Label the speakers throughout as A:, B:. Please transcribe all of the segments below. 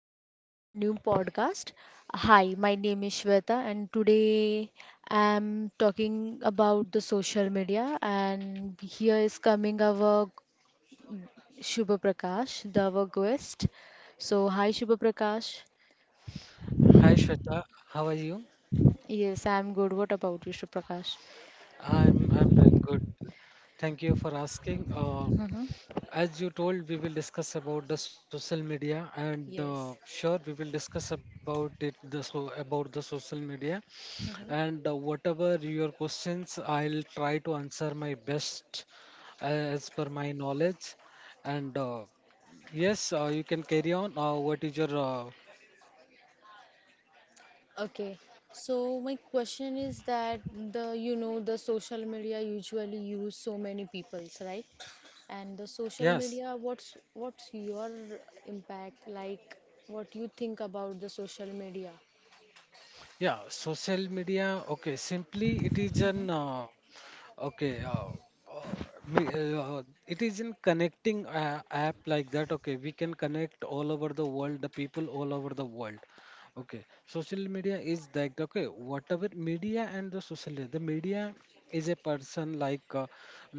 A: back to our new podcast. Hi, my name is Shweta, and today I'm talking about the social media. And here is coming our Shubha Prakash, the our guest. So, hi, Shubha Prakash.
B: Hi Shweta, how are you?
A: Yes, I'm good. What about you, Shubha Prakash?
B: I'm doing good. Thank you for asking.
A: Hmm.
B: As you told, we will discuss about the social media, and
A: Yes.
B: sure, we will discuss about it. The so about the social media, and whatever your questions, I'll try to answer my best as per my knowledge. And yes, you can carry on. What is your
A: Okay, so my question is that the the social media usually use so many people's, right? And the social
B: yes?
A: media, what's your impact like? What you think about the social media?
B: Yeah, social media. Okay, simply it is an okay, uh, me, it is in connecting app like that. Okay, we can connect all over the world, the people all over the world. Okay, social media is like okay, whatever media and the social media. The media is a person like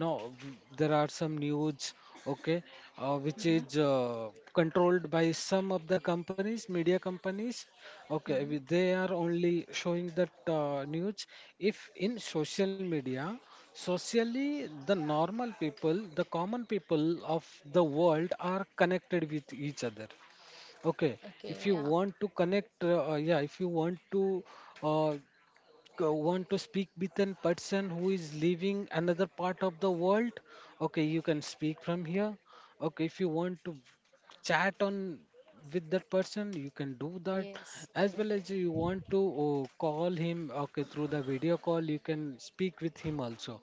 B: no, there are some news, okay, which
A: Mm-hmm.
B: is controlled by some of the companies, media companies. Okay,
A: Mm-hmm.
B: they are only showing that news. If in social media, socially, the normal people, the common people of the world are connected with each other. Okay,
A: Okay,
B: if you
A: yeah.
B: want to connect, yeah, if you want to uh, want to speak with an person who is living another part of the world, okay, you can speak from here. Okay, if you want to chat on with that person, you can do that.
A: Yes,
B: As well
A: correct.
B: as you want to call him, okay, through the video call, you can speak with him also.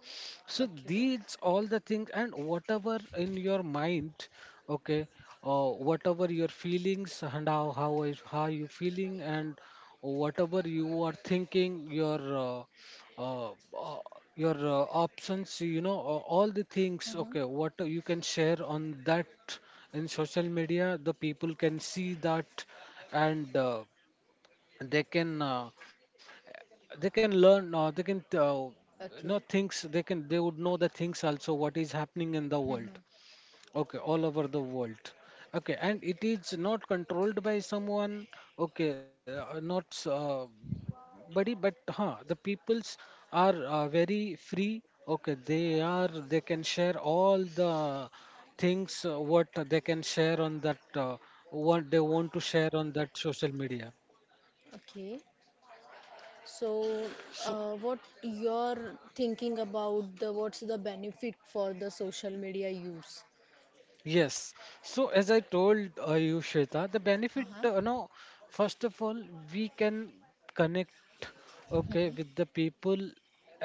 B: So
A: Okay.
B: these all the things and whatever in your mind, okay, or whatever your feelings and how you feeling and whatever you are thinking, uh, uh, your options, you know, all the things,
A: Mm-hmm.
B: okay, what you can share on that in social media. The people can see that and they can uh, they can learn, they can know
A: Okay.
B: things, they would know the things also, what is happening in the
A: Mm-hmm.
B: world, okay, all over the world, okay, and it is not controlled by someone, okay, not s- body, but huh, the peoples are very free, okay, they can share all the things, what they can share on that, what they want to share on that social media.
A: Okay. So,
B: So
A: what you're thinking about the what's the benefit for the social media use?
B: yes. So as I told you, Shweta, the benefit,
A: Uh-huh.
B: no, first of all, we can connect, okay,
A: Mm-hmm.
B: with the people,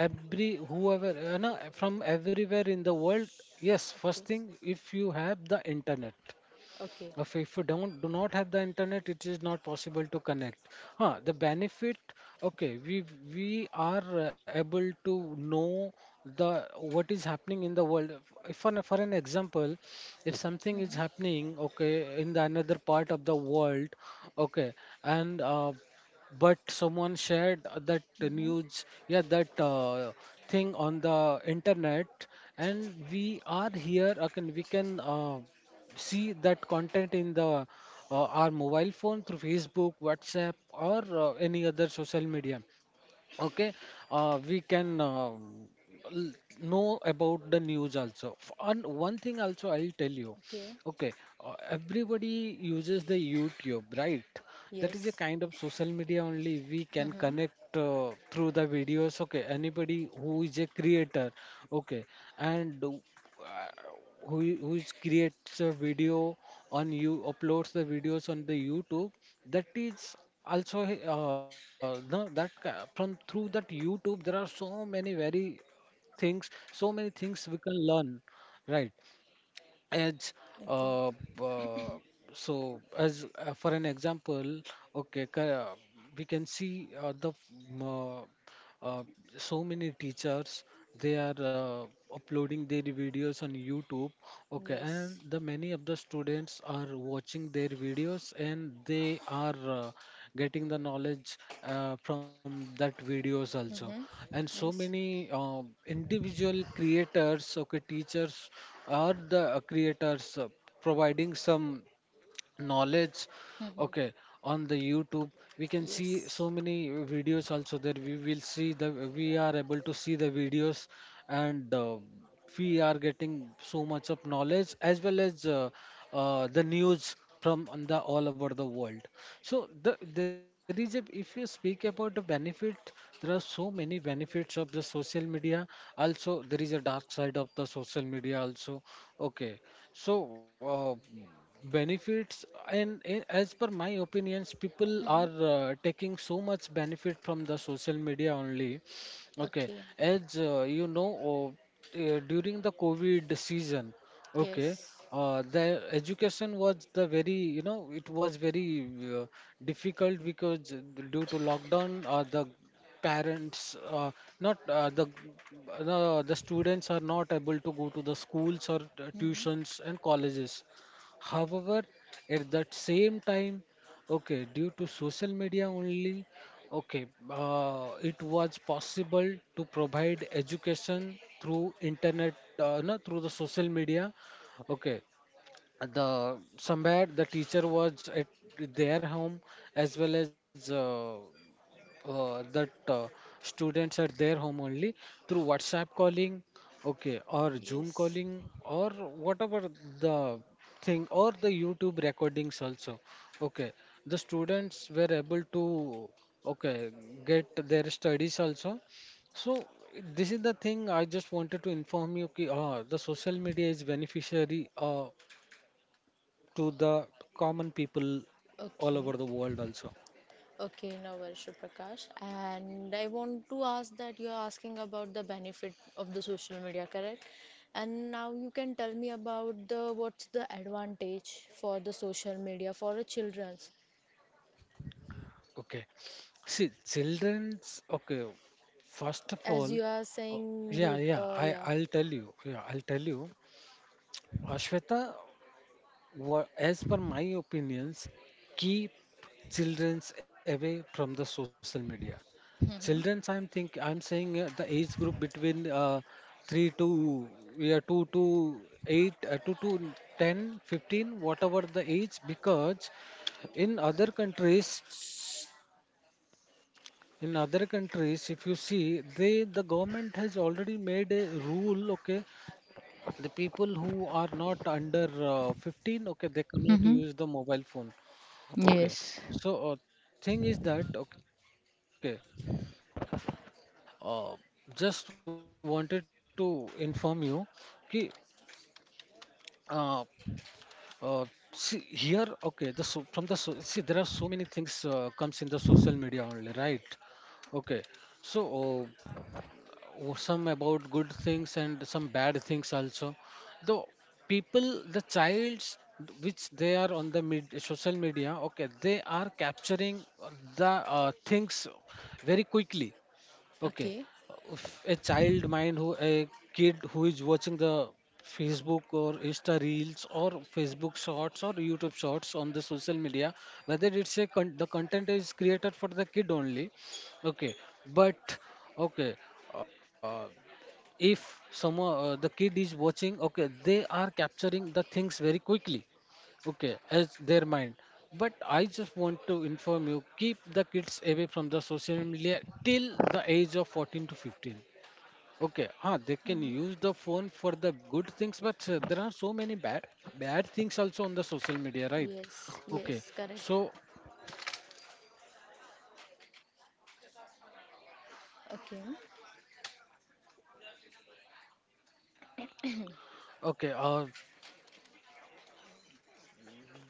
B: every whoever, no, from everywhere in the world. Yes, first
A: Okay.
B: thing, if you have the internet.
A: Okay.
B: If you don't do not have the internet, it is not possible to connect. Huh, the benefit, okay, we are able to know the what is happening in the world. If for an example, if something is
A: Mm-hmm.
B: happening, okay, in the another part of the world, okay, and but someone shared that
A: Mm-hmm.
B: news, yeah, that thing on the internet, and we are here. Okay, we can. See that content in the our mobile phone through Facebook, WhatsApp, or any other social media. Okay, we can l- know about the news also. And one thing also I'll tell you.
A: Okay.
B: Okay, everybody uses the YouTube, right? That is a
A: Yes.
B: kind of social media only. We can
A: Mm-hmm.
B: connect through the videos, okay, anybody who is a creator, okay, and who who is creates a video on you uploads the videos on the YouTube. That is also, no, from through that YouTube there are so many very things, so many things we can learn, right? as
A: Okay.
B: uh, uh, so as for an example, okay, we can see the uh, uh, so many teachers, they are uploading their videos on YouTube, okay, and
A: Yes.
B: the many of the students are watching their videos and they are getting the knowledge from that videos also.
A: Mm-hmm.
B: And so
A: Yes.
B: many individual creators, okay, teachers are the creators providing some knowledge,
A: Mm-hmm.
B: okay, on the YouTube. We can see
A: Yes.
B: so many videos also. There we will see the we are able to see the videos. And we are getting so much of knowledge, as well as the news from on the all over the world. So there is a, if you speak about the benefit, there are so many benefits of the social media. Also, there is a dark side of the social media also. Okay, so uh, benefits, and as per my opinions, people are
A: Mm-hmm.
B: taking so much benefit from the social media only. Okay,
A: Okay.
B: as you know, during the COVID season. Okay.
A: Yes.
B: The education was the very, you know, it was very uh, difficult because due to lockdown, parents, uh, not uh, the, the students are not able to go to the schools or
A: Mm-hmm.
B: tuitions and colleges. However, at that same time, okay, due to social media only, okay, it was possible to provide education through internet, no, through the social media. Okay, the somewhere the teacher was at their home, as well as that students at their home only, through WhatsApp calling, okay, or Zoom
A: Yes.
B: calling, or whatever the thing, or the YouTube recordings also. Okay, the students were able to, okay, get their studies also. So this is the thing I just wanted to inform you. Ki, ah, the social media is beneficiary to the common people all over
A: Okay.
B: the world also.
A: Okay, now Varsha Prakash. And I want to ask that you are asking about the benefit of the social media, correct? And now you can tell me about the what's the advantage for the social media for the children.
B: Okay, see, children's, okay, first of
A: As
B: all,
A: you are
B: uh,
A: saying,
B: yeah
A: you
B: yeah i
A: yeah.
B: i'll tell you, yeah, I'll tell you, Ashweta. As per my opinions, keep childrens away from the social media. Childrens,
A: Mhm.
B: I'm think I'm saying the age group between three to yeah two to eight two to 10, 15, whatever the age, because in other countries, if you see the government has already made a rule, okay, the people who are not under 15, okay, they cannot
A: Mm-hmm.
B: use the mobile phone. Okay.
A: Yes.
B: So, thing is that, okay, uh, just wanted to inform you. Ki, uh, uh, see here, okay, the so from the so see there are so many things comes in the social media only, right? Okay. So, oh, some about good things and some bad things also. The people, the childs which they are on the social media, okay, they are capturing the things very quickly. Okay. If
A: Okay.
B: a child mind who a kid who is watching the Facebook or Insta Reels or Facebook Shorts or YouTube Shorts on the social media, whether it's a the content is created for the kid only. Okay, but okay, uh, if some the kid is watching, okay, they are capturing the things very quickly, okay, as their mind. But I just want to inform you, keep the kids away from the social media till the age of 14 to 15. Okay, huh, they can
A: Mhm.
B: use the phone for the good things, but there are so many bad things also on the social media, right?
A: Yes, yes,
B: Okay,
A: correct.
B: so
A: Okay.
B: okay, uh,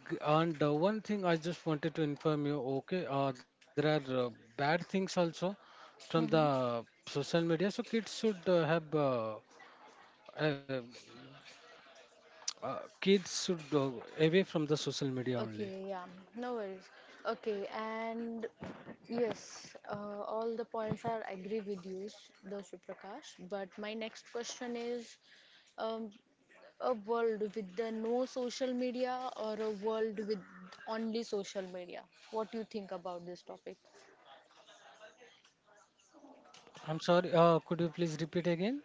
B: g- and one thing I just wanted to inform you. Okay, there are bad things also from
A: Mhm.
B: the social media, so kids should have uh, kids should go away from the social media only.
A: Okay, yeah, no worries. Okay, and yes, all the points are agree with you, though Prakash. But my next question is, um, a world with the no social media, or a world with only social media? What do you think about this topic?
B: I'm sorry, could you please repeat again?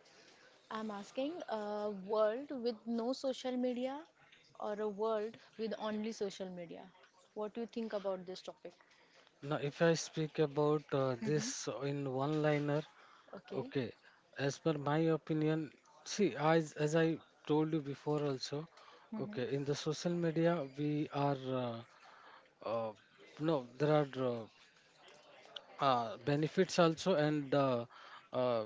A: I'm asking a world with no social media or a world with only social media. What do you think about this topic?
B: Now, if I speak about
A: Mm-hmm.
B: this in one liner,
A: Okay.
B: okay, as per my opinion, see, as I told you before also,
A: Mm-hmm.
B: okay, in the social media, we are, uh, uh, no, there are benefits also, and uh,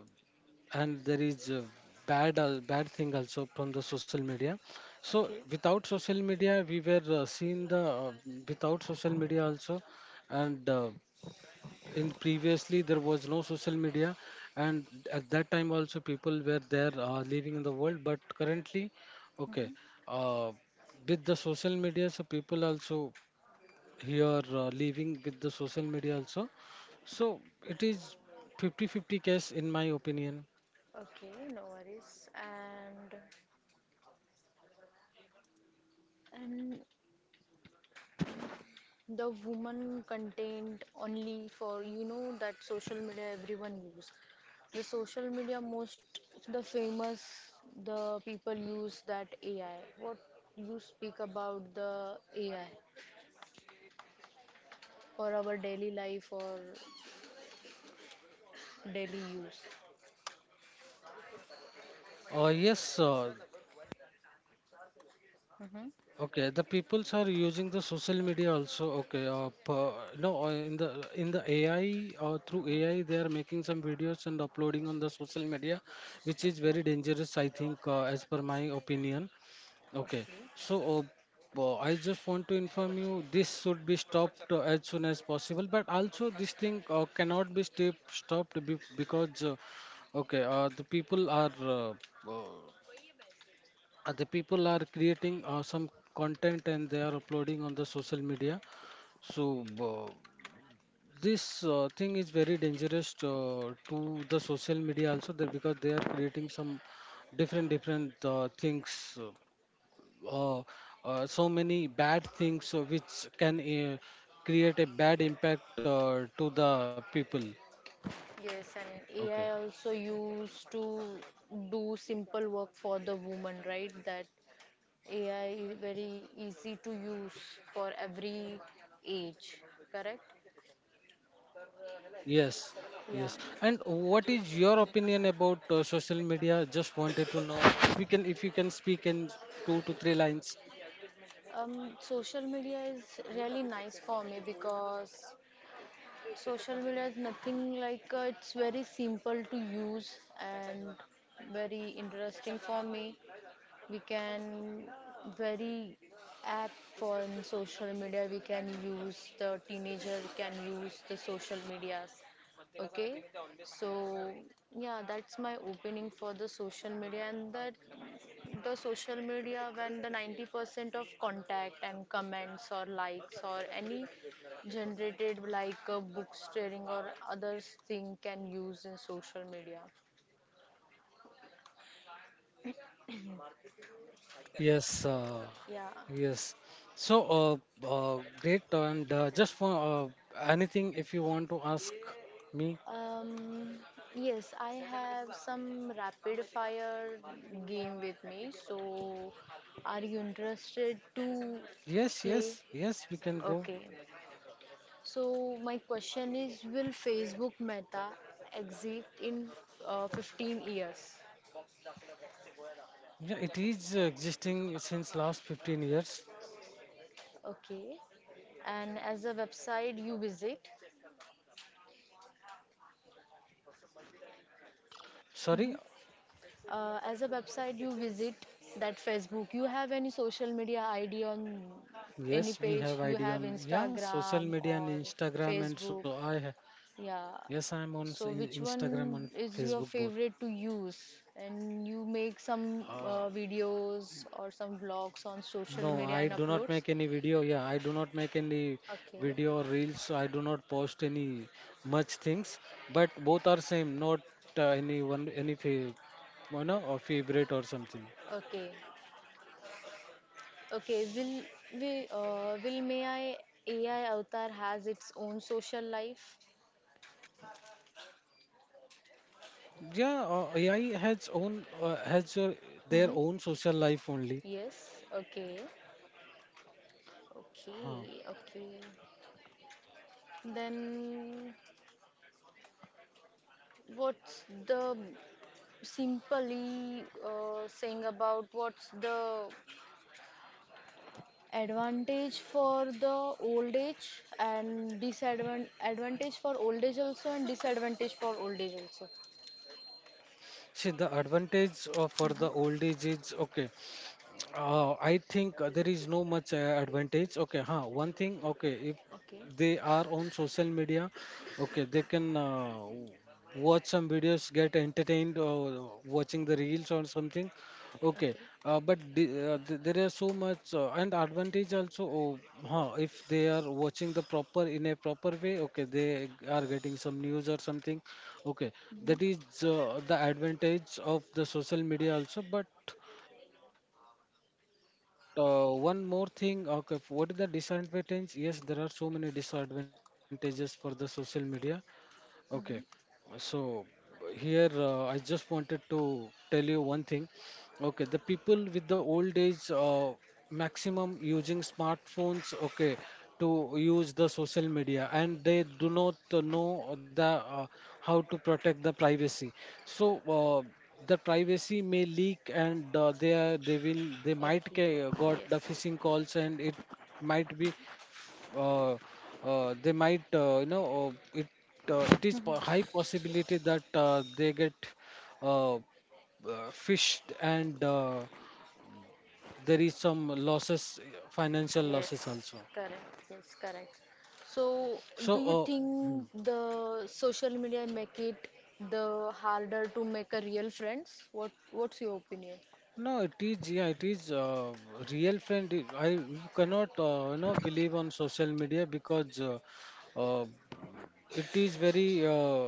B: there is a bad thing also from the social media. So
A: Okay.
B: without social media, we were seeing the without social media also, and in previously there was no social media, and at that time also people were there living in the world, but currently, okay, uh, with the social media, so people also here living with the social media also. So it is 50-50 case in my opinion.
A: Okay, no worries. And the woman content only for, you know, that social media everyone use. The social media, most the famous the people use that AI. What you speak about the AI, for our daily life or daily use?
B: Yes,
A: Mm-hmm.
B: okay. The peoples are using the social media also. Okay, per, no, in the AI, through AI
A: Mm-hmm.
B: they are making some videos and uploading on the social media, which is
A: Okay.
B: very dangerous. I think, as per my opinion. Okay,
A: Okay.
B: so. I just want to inform you this should be stopped as soon as possible, but also this thing cannot be stopped because Okay, uh, the people are uh, uh, the people are creating some content and they are uploading on the social media so this thing is very dangerous to the social media also there because they are creating some different things uh, so many bad things which can create a bad impact to the people.
A: Yes, and
B: Okay.
A: AI also used to do simple work for the woman, right? That AI is very easy to use for every age, correct?
B: Yes,
A: Yeah.
B: yes. And what is your opinion about social media? Just wanted to know. We can, if you can speak in two to three lines.
A: Social media is really nice for me because social media is nothing like, it's very simple to use and very interesting for me. We can very app for in social media. We can use the teenager can use the social medias. Okay, so yeah, that's my opening for the social media, and that the social media when the 90% of contact and comments or likes or any generated like a book sharing or others thing can use in social media.
B: Yes, uh,
A: Yeah.
B: yes. So, great. And just for anything, if you want to ask me,
A: Um, yes, I have some rapid fire game with me, so are you interested to
B: yes,
A: play?
B: yes, yes, we can go.
A: Okay, so my question is, will Facebook Meta exit in 15 years?
B: Yeah, it is existing since last 15 years.
A: Okay. And as a website you visit,
B: Sorry.
A: hmm, as a website you visit, that Facebook. You have any social media ID on
B: Yes,
A: any
B: we have
A: page? You
B: ID
A: have
B: on, yeah, social
A: Instagram
B: media and
A: or
B: Instagram, and
A: Facebook?
B: yes,
A: Yeah.
B: I'm on
A: So
B: Instagram,
A: which
B: on
A: one
B: Facebook,
A: is
B: both.
A: your favorite to use? And you make
B: Uh,
A: some videos or some vlogs on
B: no,
A: social
B: I do
A: media and
B: not make any
A: uploads?
B: video. Yeah, I do not make any
A: Okay.
B: video or reels. So I do not post any much things. But both are same. Not any one, any fa- or favorite or something.
A: Okay. Okay, will we will may I AI avatar has its own social life?
B: Yeah, AI has own their own social
A: Hmm.
B: life only.
A: Yes. Okay. Okay. Okay. Then what's the simply, saying about what's the advantage for the old age and disadvantage, advantage for old age also and disadvantage for old age also.
B: See, the advantage of, for the
A: Hmm.
B: old age is okay. I think there is no much advantage. Okay, huh? One thing, okay, if
A: Okay.
B: they are on social media, okay, they can watch some videos, get entertained watching the reels or something. Okay.
A: Okay.
B: But there are so much and advantage also. Oh, huh? If they are watching the proper in a proper way, okay, they are getting some news or something. Okay, that is the advantage of the social media also. But one more thing, okay, what is the disadvantage? Yes, there are so many disadvantages for the social media. Okay,
A: Hmm.
B: so here I just wanted to tell you one thing. Okay, the people with the old age maximum using smartphones. Okay, to use the social media, and they do not know the uh, how to protect the privacy. So uh, the privacy may leak, and they will, they
A: Okay,
B: got the
A: yes,
B: phishing calls, and it might be uh, they might, uh, it it is high possibility that they get uh, uh, fished, and there is some losses, financial
A: yes,
B: losses also.
A: correct, yes, correct. So,
B: So
A: do you think the social media make it the harder to make a real friends? What what's your opinion?
B: No, it is, yeah, it is, real friend, you cannot, believe on social media, because uh, it is very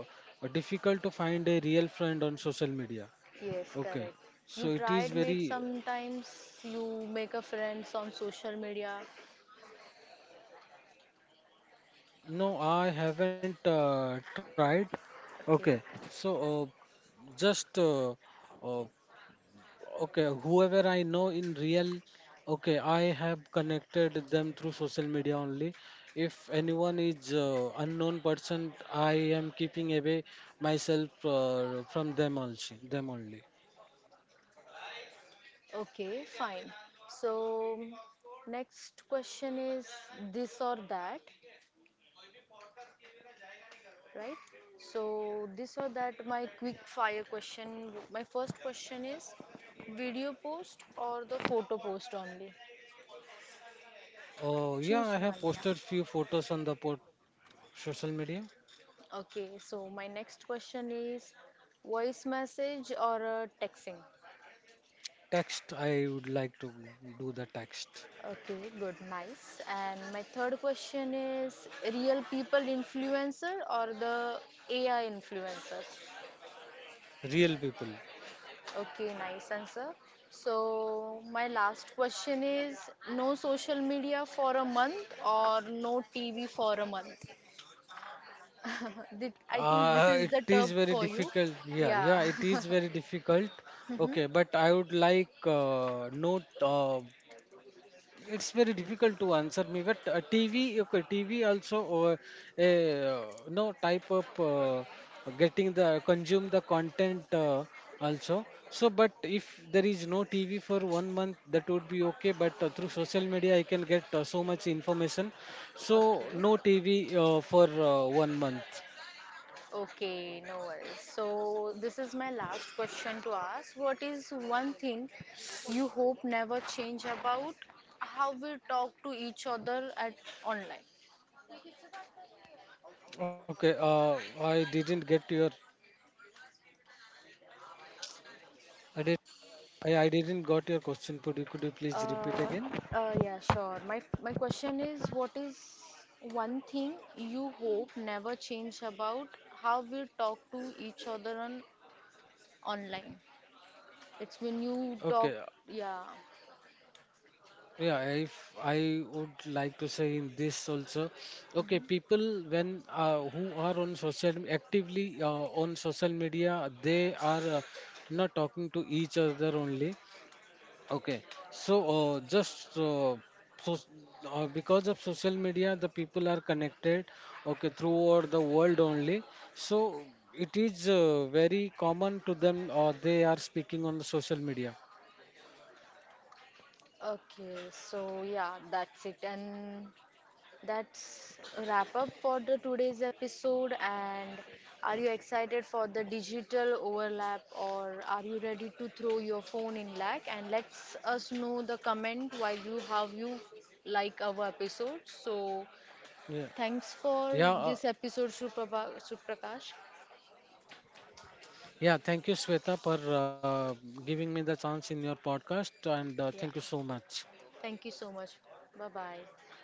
B: difficult to find a real friend on social media.
A: Yes,
B: Okay,
A: correct. You
B: so it
A: tried
B: is
A: mate
B: very.
A: sometimes you make a friends on social media.
B: No, I haven't tried.
A: Okay.
B: Okay, so just uh, okay, whoever I know in real, okay, I have connected them through social media only. If anyone is unknown person, I am keeping away myself from them also, them only.
A: Okay, fine. So next question is this or that, right? So these are that my quick fire question. My first question is video post or the photo post only?
B: Oh, yeah,
A: Choose
B: I have
A: one, yeah.
B: posted few photos on the port social media.
A: Okay, so my next question is voice message or texting?
B: Text, I would like to do the text.
A: Okay, good, nice. And my third question is real people influencer or the AI influencers?
B: Real people.
A: Okay, nice answer. So, my last question is no social media for a month or no TV for a month? I think this is
B: It
A: the term
B: is very
A: for you.
B: difficult. Yeah,
A: Yeah.
B: yeah, it is very difficult.
A: Mhm.
B: Okay, but I would like note. It's very difficult to answer me, but TV, okay, TV also, a no type of getting the consume the content also. So, but if there is no TV for 1 month, that would be okay. But through social media, I can get so much information. So,
A: Okay.
B: no TV for 1 month.
A: Okay, no worries. So, this is my last question to ask. What is one thing you hope never change about how we talk to each other at online?
B: Okay, I didn't get your, I did, I didn't got your question. Could you please
A: Uh,
B: repeat again?
A: yeah, sure. My question is, what is one thing you hope never change about how we talk to each other on online? It's when you
B: Okay,
A: talk, yeah.
B: yeah, if I would like to say in this also, okay,
A: Mhm.
B: people when who are on social, actively on social media, they are not talking to each other only. Okay, so just so because of social media, the people are connected, okay, throughout the world only. So it is very common to them, or they are speaking on the social media.
A: Okay, so yeah, that's it. And That's a wrap up for the today's episode. And are you excited for the digital overlap, or are you ready to throw your phone in lack? And let us know the comment while you how you like our episode. So
B: Yeah,
A: thanks
B: yeah,
A: for
B: uh,
A: this episode, Suprapa- Suprakash.
B: yeah. Thank you, Sweta, for giving me the chance in your podcast, and thank you
A: Yeah,
B: so much.
A: thank you so much. Bye bye.